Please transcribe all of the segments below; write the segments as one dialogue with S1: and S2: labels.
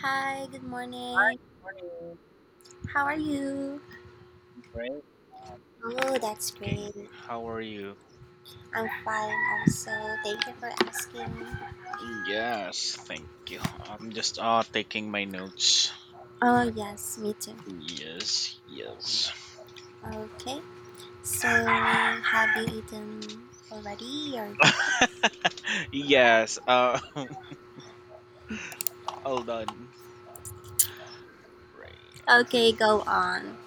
S1: Hi, good
S2: Hi,
S1: morning.
S2: good
S1: How are you?
S2: morning.
S1: Oh, that's
S2: Breaking.
S1: great.
S2: How are you?
S1: I'm fine also. Thank you for asking.
S2: Yes, thank you. I'm just taking my notes.
S1: Oh, yes, me too.
S2: Yes, yes.
S1: Okay, so have you eaten already your breakfast?
S2: Yes, all done. Right.
S1: Okay, go on.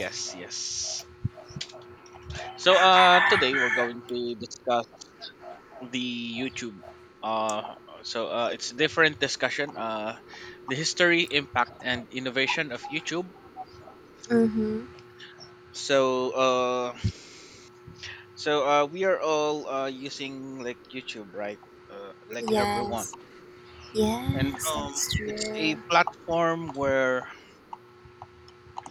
S2: Yes, yes. So today we're going to discuss the YouTube uh it's a different discussion, the history, impact and innovation of YouTube.
S1: Mm-hmm.
S2: So uh we are all using like YouTube, right? Like everyone,
S1: Yes,
S2: and
S1: yes, that's
S2: it's
S1: true.
S2: a platform where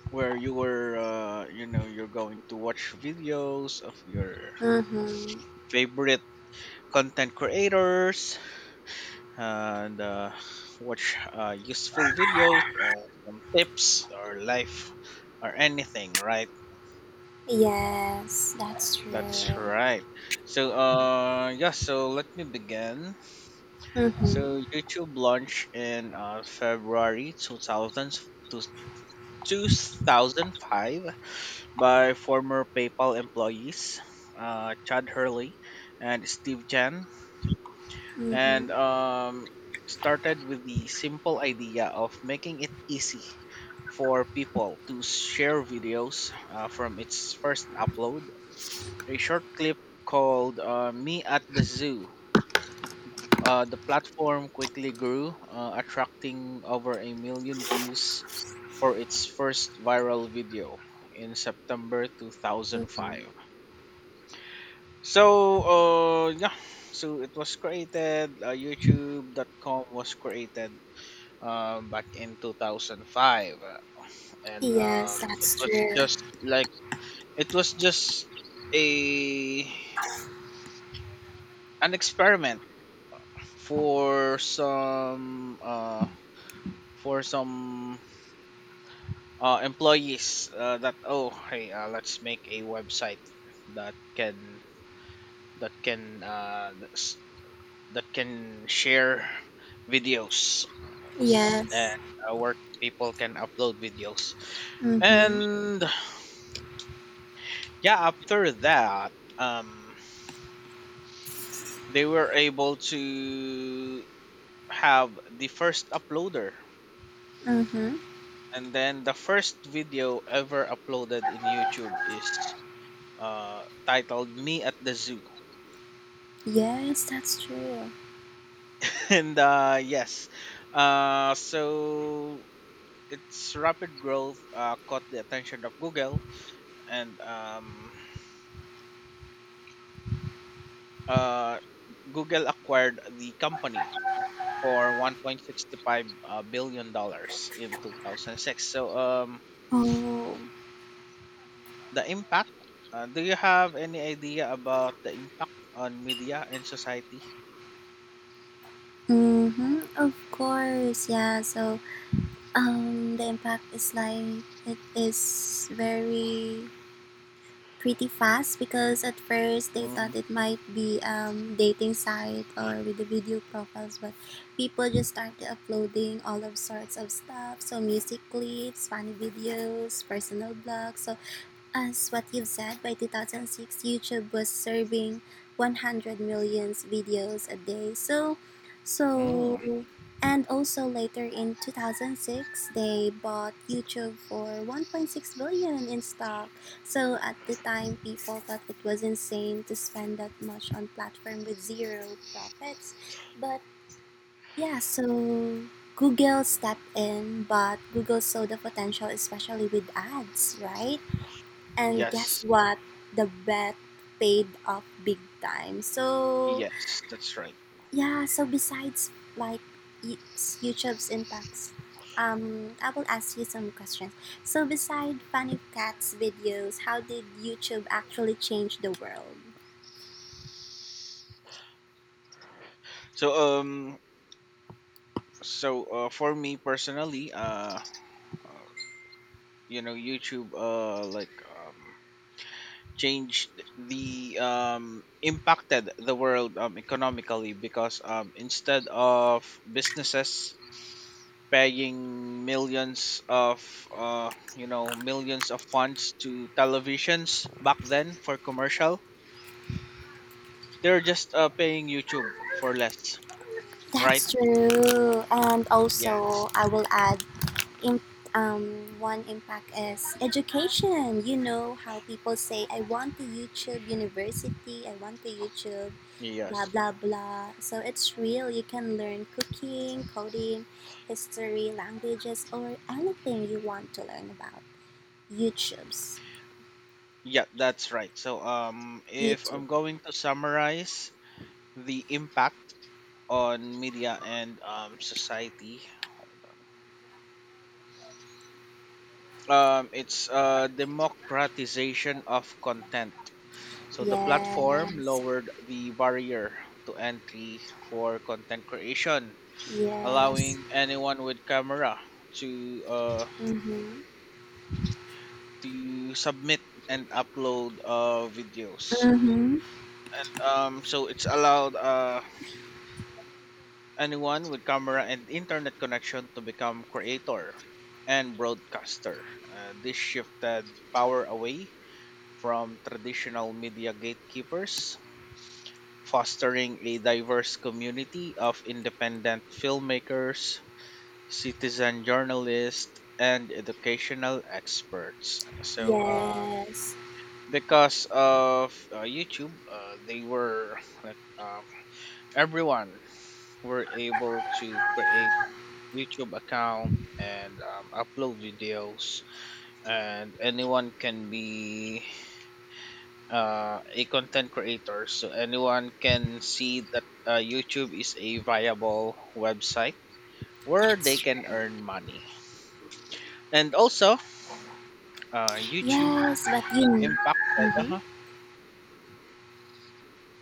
S2: you were, you're going to watch videos of your
S1: Mm-hmm.
S2: favorite content creators and watch useful videos, some tips or life or anything, right?
S1: Yes, that's
S2: That's
S1: true.
S2: right. So yeah. So let me begin. So
S1: Mm-hmm.
S2: YouTube launched in February 2000, to 2005 by former PayPal employees, Chad Hurley and Steve Jan, and
S1: Mm-hmm.
S2: started with the simple idea of making it easy for people to share videos, from its first upload. A short clip called, "Me at the Zoo." The platform quickly grew, attracting over a million views for its first viral video in September
S1: Mm-hmm.
S2: 2005. So, uh, yeah, so it was created, youtube.com was created back in 2005. uh, And
S1: Yes,
S2: it
S1: that's
S2: was
S1: true.
S2: just like, it was just a an experiment for some for some employees, that oh hey, let's make a website that can that can uh, that's- that can share videos, and
S1: Yes,
S2: where people can upload videos.
S1: mm-hmm.
S2: And yeah, after that they were able to have the first uploader,
S1: Mhm.
S2: and then the first video ever uploaded in youtube is titled "Me at the Zoo."
S1: Yes, that's true.
S2: And yes, so its rapid growth caught the attention of Google, and uh, Google acquired the company for $1.65 billion in 2006. So
S1: Oh.
S2: the impact. Do you have any idea about the impact on media and society?
S1: Mhm. Of course. Yeah. The impact is like it is very pretty fast because at first they
S2: Hmm.
S1: thought it might be dating site or with the video profiles, but people just started uploading all of sorts of stuff. So music clips, funny videos, personal blogs. So as what you've said, by 2006, YouTube was serving 100 millions videos a day.
S2: Mm,
S1: So, and also later in 2006, they bought YouTube for 1.6 billion in stock. So at the time, people thought it was insane to spend that much on platform with zero profits. But yeah, so Google stepped in, but Google saw the potential, especially with ads, right? And guess
S2: yes,
S1: what? The bet paid off big time. So,
S2: yes, that's right.
S1: yeah, so besides like y- YouTube's impacts, I will ask you some questions. So, beside Funny Cats videos, how did YouTube actually change the world?
S2: So so for me personally, you know, youtube changed the impacted the world, economically, because instead of businesses paying millions of, millions of funds to televisions back then for commercial, they're just paying youtube for less, right?
S1: That's true. And
S2: Yes,
S1: also, I will add in one impact is education. You know how people say, I want to YouTube university, I want to YouTube, blah,
S2: yes,
S1: blah, blah. So it's real. You can learn cooking, coding, history, languages, or anything you want to learn about. YouTube's.
S2: yeah, that's right. So if
S1: YouTube.
S2: I'm going to summarize the impact on media and, society. Hold on. It's democratization of content. So the platform
S1: Yes.
S2: lowered the barrier to entry for content creation,
S1: Yes.
S2: allowing anyone with camera to, uh,
S1: Mm-hmm.
S2: submit and upload videos.
S1: Mm-hmm.
S2: So it's allowed. Anyone with camera and internet connection to become creator and broadcaster. This shifted power away from traditional media gatekeepers, fostering a diverse community of independent filmmakers, citizen journalists, and educational experts. So,
S1: Yes.
S2: because of YouTube, they were like, everyone were able to create YouTube account and upload videos, and anyone can be a content creator, so anyone can see that YouTube is a viable website where they
S1: That's
S2: can
S1: true.
S2: earn money. And also YouTube
S1: Yes, but you know.
S2: impacted.
S1: Mm-hmm.
S2: Uh-huh.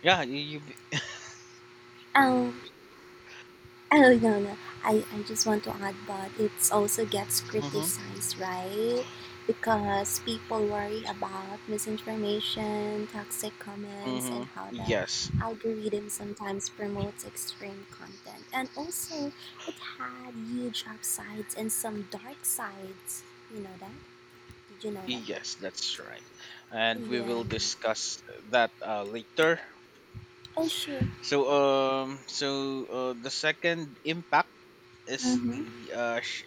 S2: Yeah, you.
S1: Um, oh no, no, I just want to add that it also gets
S2: Hmm.
S1: criticized, right? Because people worry about misinformation, toxic comments,
S2: Hmm.
S1: and how the
S2: Yes,
S1: algorithm sometimes promotes extreme content. And also, it had huge upsides and some dark sides. You know that? Did you know that?
S2: yes, that's right, and we
S1: Yeah.
S2: will discuss that later.
S1: Oh sure.
S2: So the second impact is
S1: Mhm.
S2: the,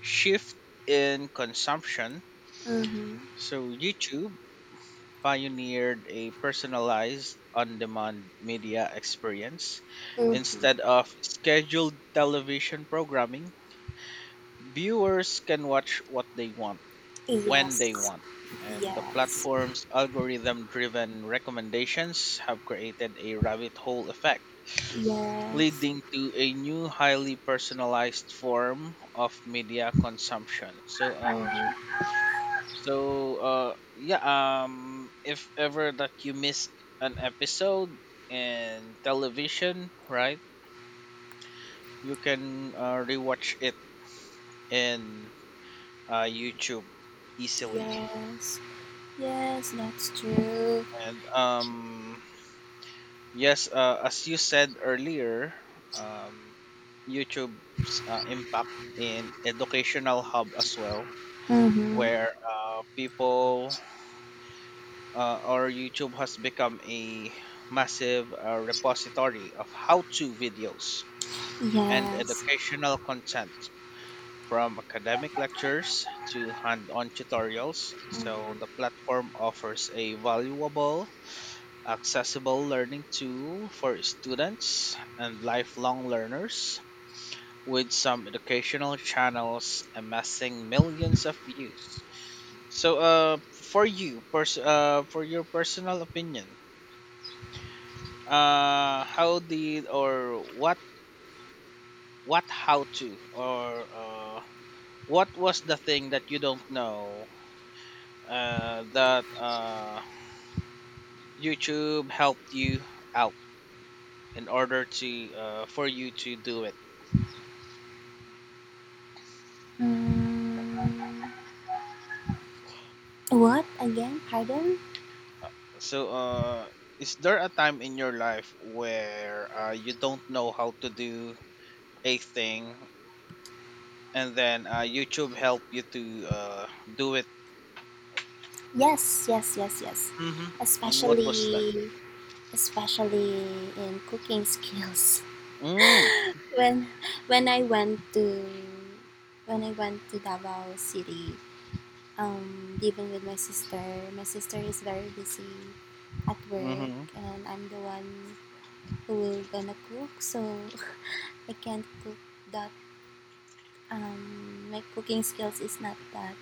S2: shift in consumption.
S1: Mhm.
S2: So, YouTube pioneered a personalized on demand media experience.
S1: Mhm.
S2: Instead of scheduled television programming, viewers can watch what they want, when they
S1: Yes.
S2: want. And the
S1: Yes.
S2: platform's algorithm driven recommendations have created a rabbit hole effect,
S1: Yes.
S2: leading to a new highly personalized form of media consumption. So
S1: Mhm.
S2: so yeah, if ever that you missed an episode in television, right? You can rewatch it in YouTube easily.
S1: Yes. Yes, that's true.
S2: And yes, as you said earlier, um YouTube's impact in educational hub as well,
S1: Mhm.
S2: where people, or YouTube has become a massive repository of how to videos and
S1: Yes.
S2: educational content, from academic lectures to hand on tutorials. So,
S1: Mhm.
S2: the platform offers a valuable, accessible learning tool for students and lifelong learners, with some educational channels amassing millions of views. So, for you, for your personal opinion, how did or what how to or what was the thing that you don't know, that youtube helped you out in order to, for you to do it?
S1: Mm. What again? Pardon?
S2: So is there a time in your life where you don't know how to do a thing, and then youtube helped you to do it?
S1: Yes, yes, yes, yes.
S2: Mm-hmm. And what was that?
S1: Especially especially in cooking skills.
S2: Mm-hmm.
S1: when when I went to when I went to Davao City, living with my sister. My sister is very busy at work
S2: Mm-hmm.
S1: and I'm the one who will gonna cook so I can't cook that um, my cooking skills is not that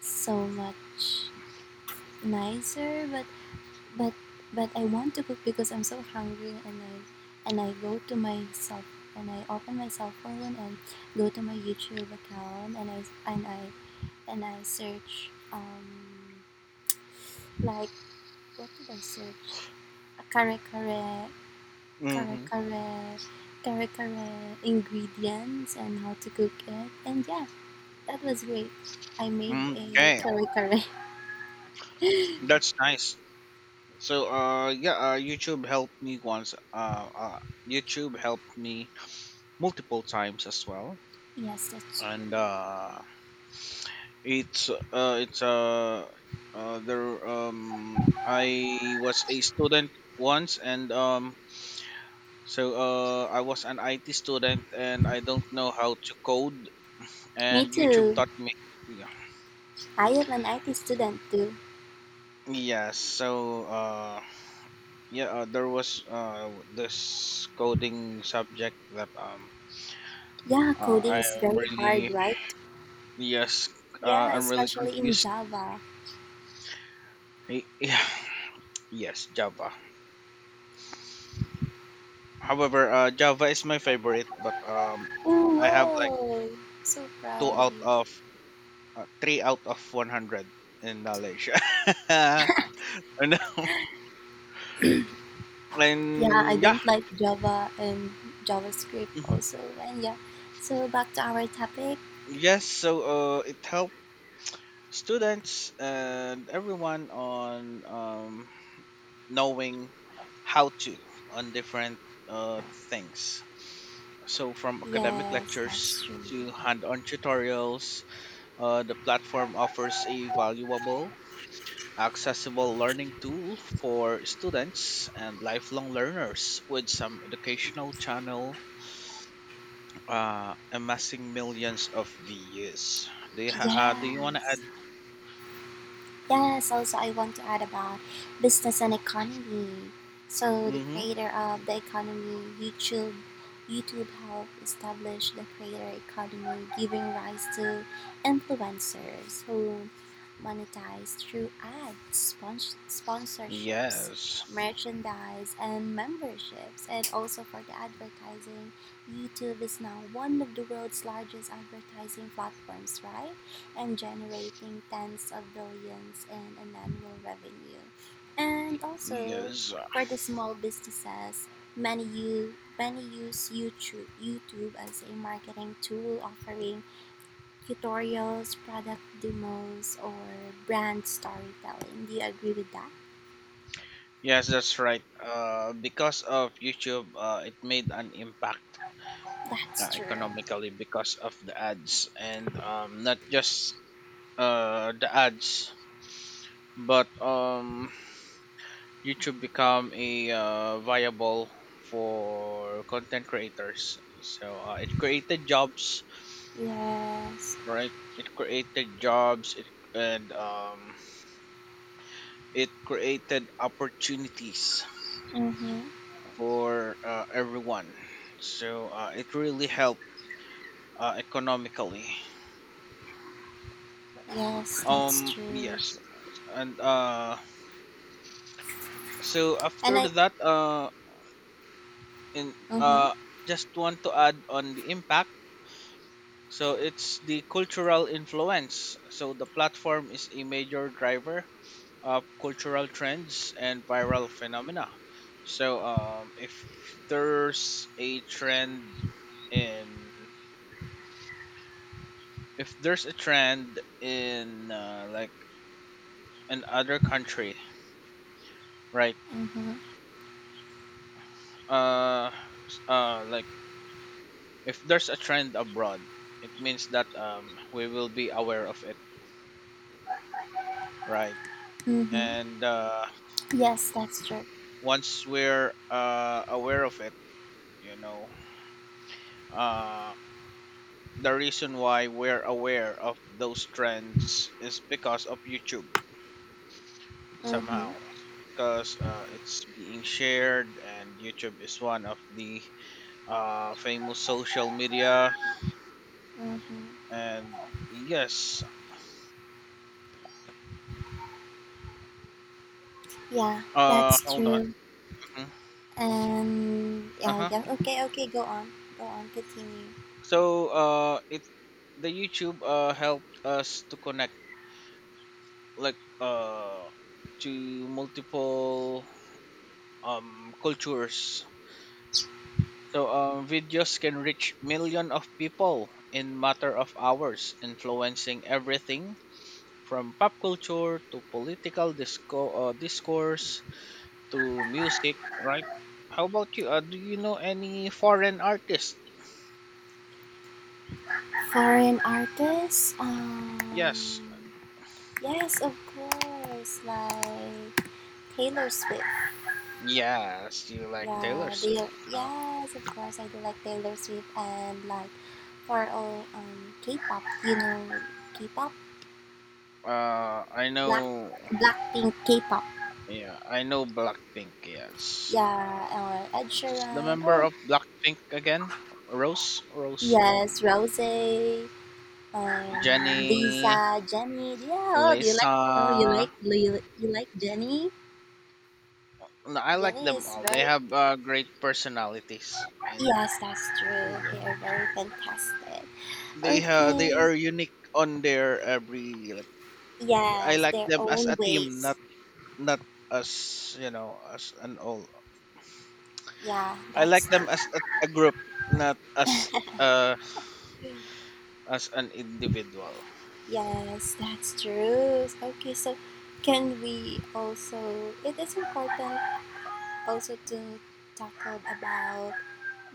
S1: so much nicer, but but I want to cook because I'm so hungry and I go to myself and I open my cell phone and go to my YouTube account and I search um, like, what did I search? Kare kare kare
S2: Mm-hmm.
S1: kare Kare kare ingredients and how to cook it, and yeah, that was great. I made
S2: Mm,
S1: a
S2: okay.
S1: curry curry.
S2: That's nice. So, YouTube helped me once. YouTube helped me multiple times as well,
S1: Yes, that's true.
S2: and it's there. I was a student once, and so I was an IT student, and I don't know how to code,
S1: Me
S2: and YouTube
S1: too.
S2: taught me. Yeah.
S1: I am an IT student too.
S2: Yes. So, yeah, there was this coding subject that
S1: Yeah,
S2: Uh, I
S1: coding is
S2: am
S1: very hard,
S2: really,
S1: right?
S2: yes. Uh,
S1: Yeah,
S2: I'm really
S1: especially in
S2: confused.
S1: Java.
S2: Yeah, yes, Java. However, Java is my favorite, but
S1: Oh,
S2: I have like
S1: wow. So
S2: two
S1: proud of
S2: out
S1: you.
S2: of three out of 100 in knowledge. and
S1: Yeah, I
S2: and yeah,
S1: don't like Java and JavaScript
S2: hmm,
S1: also. And yeah, so back to our topic.
S2: yes. So it helped students and everyone on knowing how to, on different uh, things. So, from academic
S1: Yes,
S2: lectures
S1: that's true.
S2: to hand on tutorials, the platform offers a valuable, accessible learning tool for students and lifelong learners, with some educational channel amassing millions of views. Do you, do you want to
S1: Yes.
S2: add?
S1: Yes, also I want to add about business and economy. So the
S2: Hmm.
S1: creator of the economy, YouTube, YouTube helped establish the creator economy, giving rise to influencers who monetize through ads, sponsorships,
S2: Yes.
S1: merchandise, and memberships. And also for the advertising, YouTube is now one of the world's largest advertising platforms, right? And generating tens of billions in an annual revenue. And also
S2: Yes.
S1: for the small businesses, many use YouTube as a marketing tool offering tutorials, product demos or brand storytelling. Do you agree with that?
S2: Yes, that's right. Because of YouTube, it made an impact,
S1: That's true.
S2: economically, because of the ads, and not just the ads, but YouTube become a viable for content creators. So it created jobs,
S1: Yes.
S2: right? It created jobs. It, and it created opportunities
S1: Mm-hmm.
S2: for everyone. So it really helped economically.
S1: Yes, that's true.
S2: Yes, and so
S1: And
S2: after
S1: I
S2: that, in, uh,
S1: mm-hmm.
S2: just want to add on the impact. So it's the cultural influence. So the platform is a major driver of cultural trends and viral phenomena. So if there's a trend in, if there's a trend in like in other country, right?
S1: Mm-hmm.
S2: uh, s- uh, like if there's a trend abroad, it means that we will be aware of it, right?
S1: Mm-hmm.
S2: And
S1: Yes, that's true.
S2: once we're aware of it, you know, uh, the reason why we're aware of those trends is because of YouTube
S1: Mm-hmm.
S2: somehow, because it's being shared, and youtube is one of the famous social media,
S1: Mm-hmm.
S2: and yes.
S1: Yeah, that's
S2: Hold on.
S1: true.
S2: Mhm.
S1: And yeah,
S2: Uh-huh.
S1: yeah. Okay, okay. Go on, go on. Continue.
S2: So it, the youtube helped us to connect, like to multiple cultures. So videos can reach million of people in matter of hours, influencing everything from pop culture to political, discourse to music, right? How about you, do you know any foreign artists?
S1: Foreign artists.
S2: Yes,
S1: Yes, of course. Like Taylor Swift.
S2: yes, you like taylor
S1: Yeah, they.
S2: swift. Huh?
S1: Yes, of course. I do like Taylor Swift and like for all um, K-pop. You know, K-pop.
S2: I
S1: Black
S2: know.
S1: Blackpink K-pop.
S2: Yeah, I know Blackpink. Yes.
S1: Yeah, or Ed
S2: Who's the
S1: Sheeran.
S2: member
S1: Oh,
S2: of Blackpink again? Rose,
S1: yes, Rose.
S2: Jenny,
S1: Lisa, Jenny. Yeah, oh, do you like? Oh, you
S2: Lisa.
S1: like you, you like Jenny?
S2: No, I like
S1: Jenny
S2: them
S1: is
S2: all. They
S1: very.
S2: have great personalities, and
S1: Yes, that's true.
S2: yeah,
S1: They are very fantastic.
S2: they
S1: Okay.
S2: are unique on their every. Like, I
S1: Yes,
S2: like
S1: their
S2: them as
S1: own
S2: a team,
S1: ways.
S2: not, not as you know, as an all.
S1: Yeah,
S2: I like
S1: that's
S2: them
S1: true.
S2: as a group, not as uh as an individual.
S1: Yes, that's true. Okay, so can we also? It is important also to talk about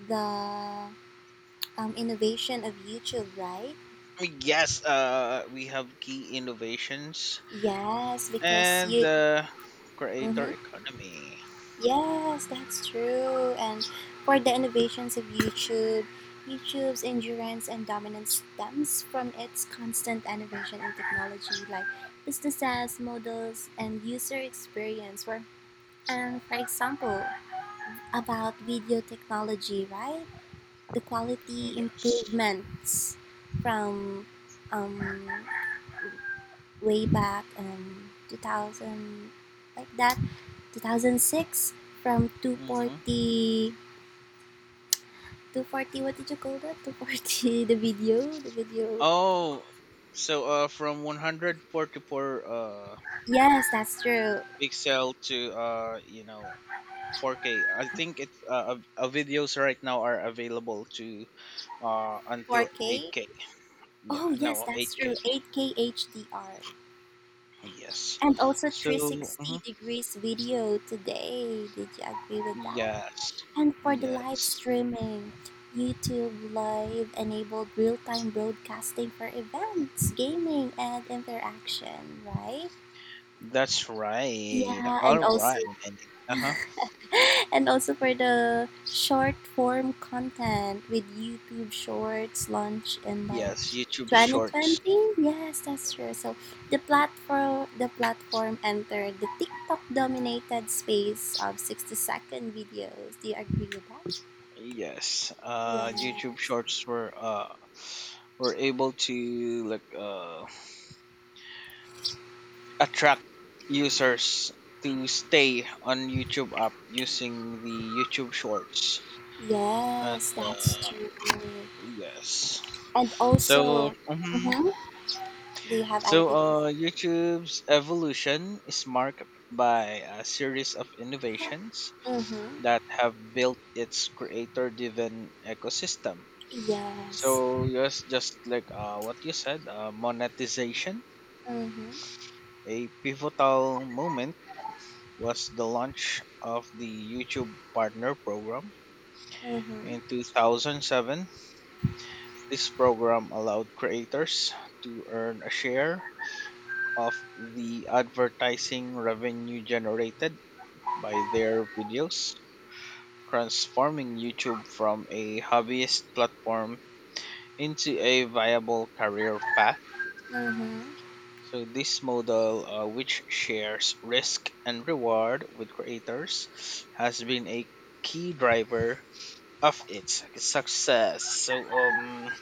S1: the innovation of YouTube, right?
S2: Yes, we have key innovations
S1: Yes, because
S2: and
S1: you
S2: the creator
S1: mm-hmm.
S2: economy.
S1: Yes, that's true. And for the innovations of YouTube, YouTube's endurance and dominance stems from its constant innovation in technology, like businesses, models, and user experience. Where, and for example, about video technology, right? The
S2: Mm,
S1: quality
S2: yes.
S1: improvements from um, way back 2000, like that. 2006, from
S2: Hmm.
S1: 240 240 What did you call that? 240. The video,
S2: Oh, so from 144
S1: yes, that's true.
S2: pixel to, 4K. I think it's, videos right now are available to until
S1: 4K.
S2: 8K. Yeah,
S1: Oh yes,
S2: no,
S1: that's
S2: 8K.
S1: true. 8K HDR,
S2: Yes.
S1: and also
S2: So,
S1: 360
S2: mhm.
S1: degrees video today. Did you agree with that?
S2: Yes,
S1: And for the live
S2: yes.
S1: streaming, YouTube Live enabled real-time broadcasting for events, gaming, and interaction, right?
S2: That's right.
S1: Yeah,
S2: All
S1: and also
S2: right. Uh huh.
S1: and also for the short form content with YouTube Shorts launch in like
S2: Yes, YouTube Shorts.
S1: 2020. Yes, that's true. The platform entered the TikTok dominated space of 60-second videos. Do you agree with that?
S2: Yes,
S1: Yeah.
S2: YouTube Shorts were able to like attract users to stay on YouTube app using the YouTube Shorts, and
S1: Yes,
S2: uh
S1: that's true.
S2: yes.
S1: And
S2: So,
S1: also,
S2: mhm.
S1: mhm, do you have
S2: So
S1: anything to say?
S2: YouTube's evolution is marked by a series of innovations
S1: Mm-hmm.
S2: that have built its creator-driven ecosystem.
S1: Yes.
S2: So yes, just like what you said, monetization.
S1: Mm-hmm.
S2: A pivotal moment was the launch of the YouTube Partner Program
S1: Mm-hmm.
S2: in 2007. This program allowed creators to earn a share of the advertising revenue generated by their videos, transforming YouTube from a hobbyist platform into a viable career path.
S1: Mm-hmm.
S2: So, this model, which shares risk and reward with creators, has been a key driver of its success. So,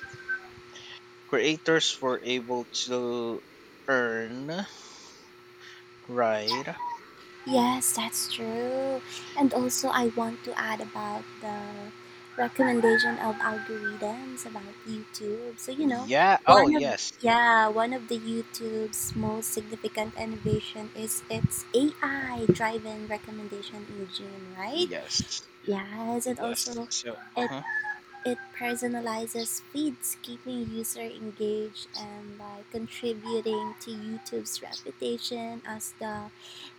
S2: creators were able to earn, right?
S1: Yes, that's true. And also, I want to add about the recommendation of algorithms about YouTube. So, you know,
S2: Yeah. Oh,
S1: one of
S2: yes.
S1: yeah, one of the YouTube's most significant innovation is its AI driven recommendation engine, right?
S2: Yes.
S1: Yes, and
S2: Yes.
S1: also
S2: So, uh
S1: it
S2: huh.
S1: it personalizes feeds, keeping user engaged and like contributing to YouTube's reputation as the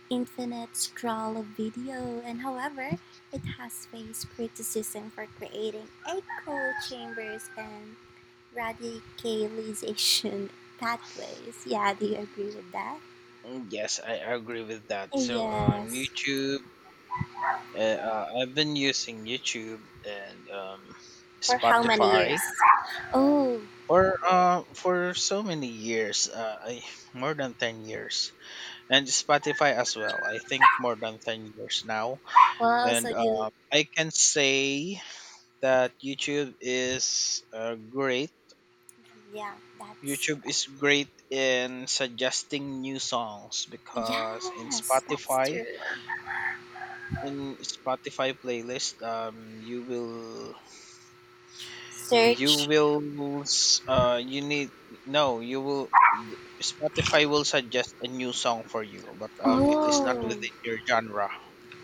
S1: infinite scroll of video, and however, it has faced criticism for creating echo chambers and radicalization pathways. Yeah, do you agree with that?
S2: Yes, I agree with that. So,
S1: Yes.
S2: YouTube. I've been using YouTube and,
S1: For how many years?
S2: Spotify
S1: Oh,
S2: for, for so many years, more than 10 years, and Spotify as well. I think more than 10 years now,
S1: well, so
S2: and
S1: you,
S2: I can say that YouTube is great.
S1: yeah, that's
S2: YouTube
S1: correct.
S2: is great in suggesting new songs because
S1: Yes, that's true.
S2: In Spotify playlist, you will, you
S1: Search.
S2: will, s- you need, no, you will, Spotify will suggest a new song for you, but it is not
S1: Oh,
S2: within your genre.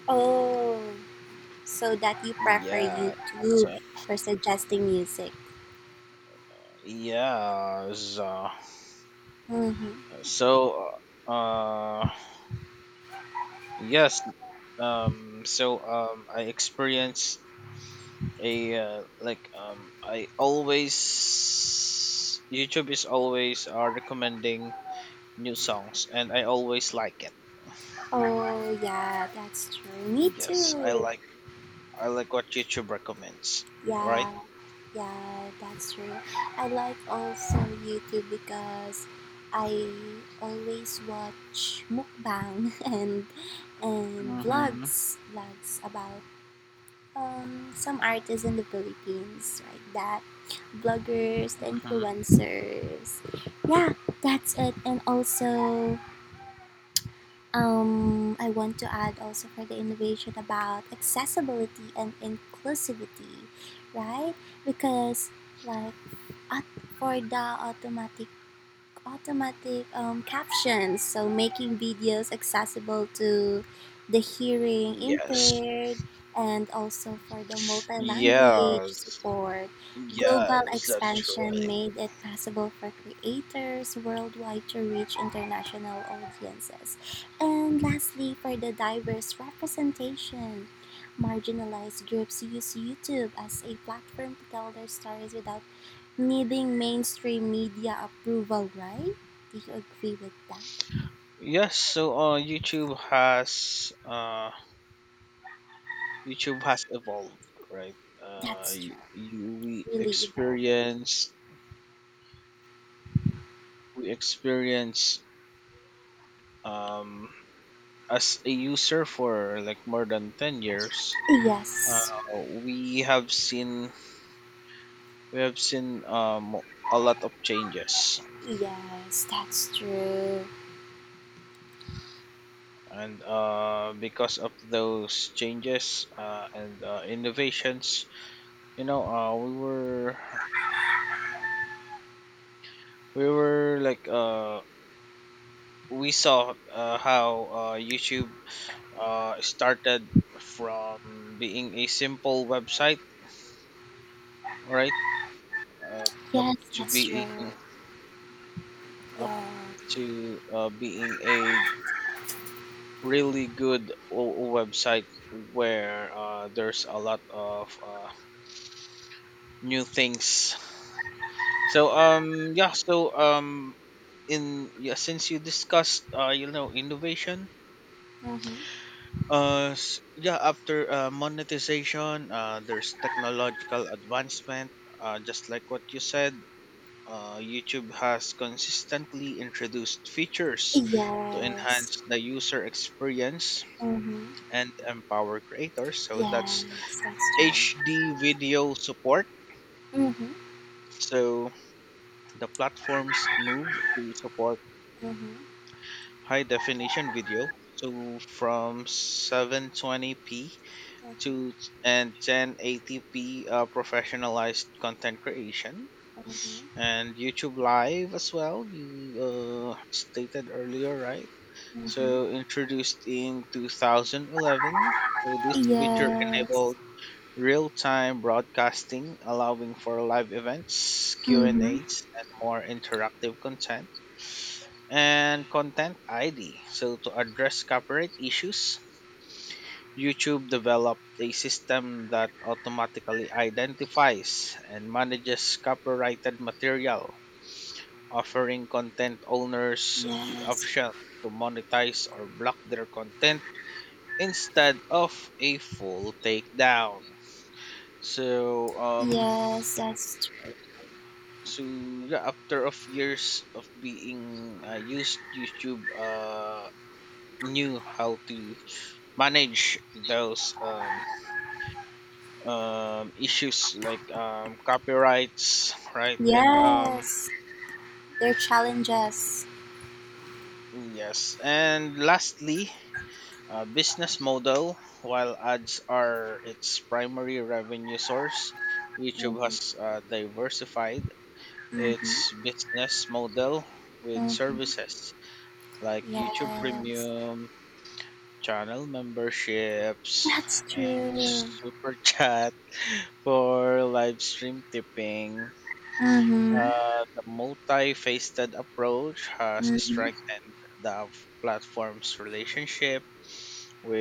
S1: oh, so that you prefer
S2: Yeah, so,
S1: YouTube for suggesting music.
S2: yeah, so,
S1: Hmm.
S2: so, uh, uh, yes, so, I experienced a, YouTube is always, recommending new songs, and I always like it.
S1: Oh, yeah, that's true. Me
S2: Yes,
S1: too.
S2: I like what YouTube recommends, right?
S1: Yeah, yeah, that's true. I like also YouTube because I always watch mukbang and
S2: Mm-hmm.
S1: vlogs about um, some artists in the Philippines like that, bloggers,
S2: Mm-hmm.
S1: influencers. Yeah, that's it. And also um, I want to add also for the innovation about accessibility and inclusivity, right? Because like at, for the automatic captions, so making videos accessible to the hearing
S2: Yes.
S1: impaired and also for the multi language
S2: Yes.
S1: support. Global
S2: Yes, that's
S1: expansion
S2: right.
S1: made it possible for creators worldwide to reach international audiences. And lastly, for the diverse representation, marginalized groups use YouTube as a platform to tell their stories without needing mainstream media approval, right? Do you agree with that?
S2: Yes, so YouTube has, YouTube has evolved, right?
S1: That's true.
S2: You, we
S1: Really evolving.
S2: experience, we experience um, as a user for like more than 10 years.
S1: Yes.
S2: We have seen, um, a lot of changes,
S1: Yes, that's true.
S2: and because of those changes, and innovations, you know, we were, we were like uh, we saw how youtube started from being a simple website, right? uh, Up
S1: Yes,
S2: to
S1: that's true.
S2: being, up
S1: Yeah.
S2: to being a really good website where there's a lot of new things. So yeah, so in yeah, since you discussed you know, innovation,
S1: Mm-hmm.
S2: yeah, after monetization, there's technological advancement, just like what you said. Youtube has consistently introduced features to
S1: Yes.
S2: enhance the user experience
S1: Mm-hmm.
S2: and empower creators. So that's
S1: Yes, that's true.
S2: HD video support.
S1: Mm-hmm.
S2: So the platforms move to support
S1: Mm-hmm.
S2: high definition video to from 720p, to
S1: Mm-hmm.
S2: and 1080p, professionalized content creation,
S1: Mm-hmm.
S2: and YouTube Live as well. You stated earlier, right?
S1: Mm-hmm.
S2: So introduced in 2011. So this feature
S1: Yes.
S2: enabled real-time broadcasting, allowing for live events, Q and
S1: Mm-hmm.
S2: A's, and more interactive content, and content ID. So, to address copyright issues, YouTube developed a system that automatically identifies and manages copyrighted material, offering content owners the
S1: Yes.
S2: option to monetize or block their content instead of a full takedown. So,
S1: Yes, that's true.
S2: so yeah, after of years of being used, YouTube knew how to manage those, issues like copyrights, right? And
S1: Yes. Their challenges.
S2: yes, and lastly, business model. While ads are its primary revenue source, YouTube has
S1: Mm-hmm.
S2: diversified its
S1: Mm-hmm.
S2: business model with
S1: Mhm.
S2: services like YouTube
S1: Yes,
S2: Premium, channel memberships,
S1: that's
S2: and
S1: true.
S2: super chat for live stream tipping.
S1: Mhm,
S2: The multifaceted approach has
S1: mhm.
S2: strengthened the platform's relationship with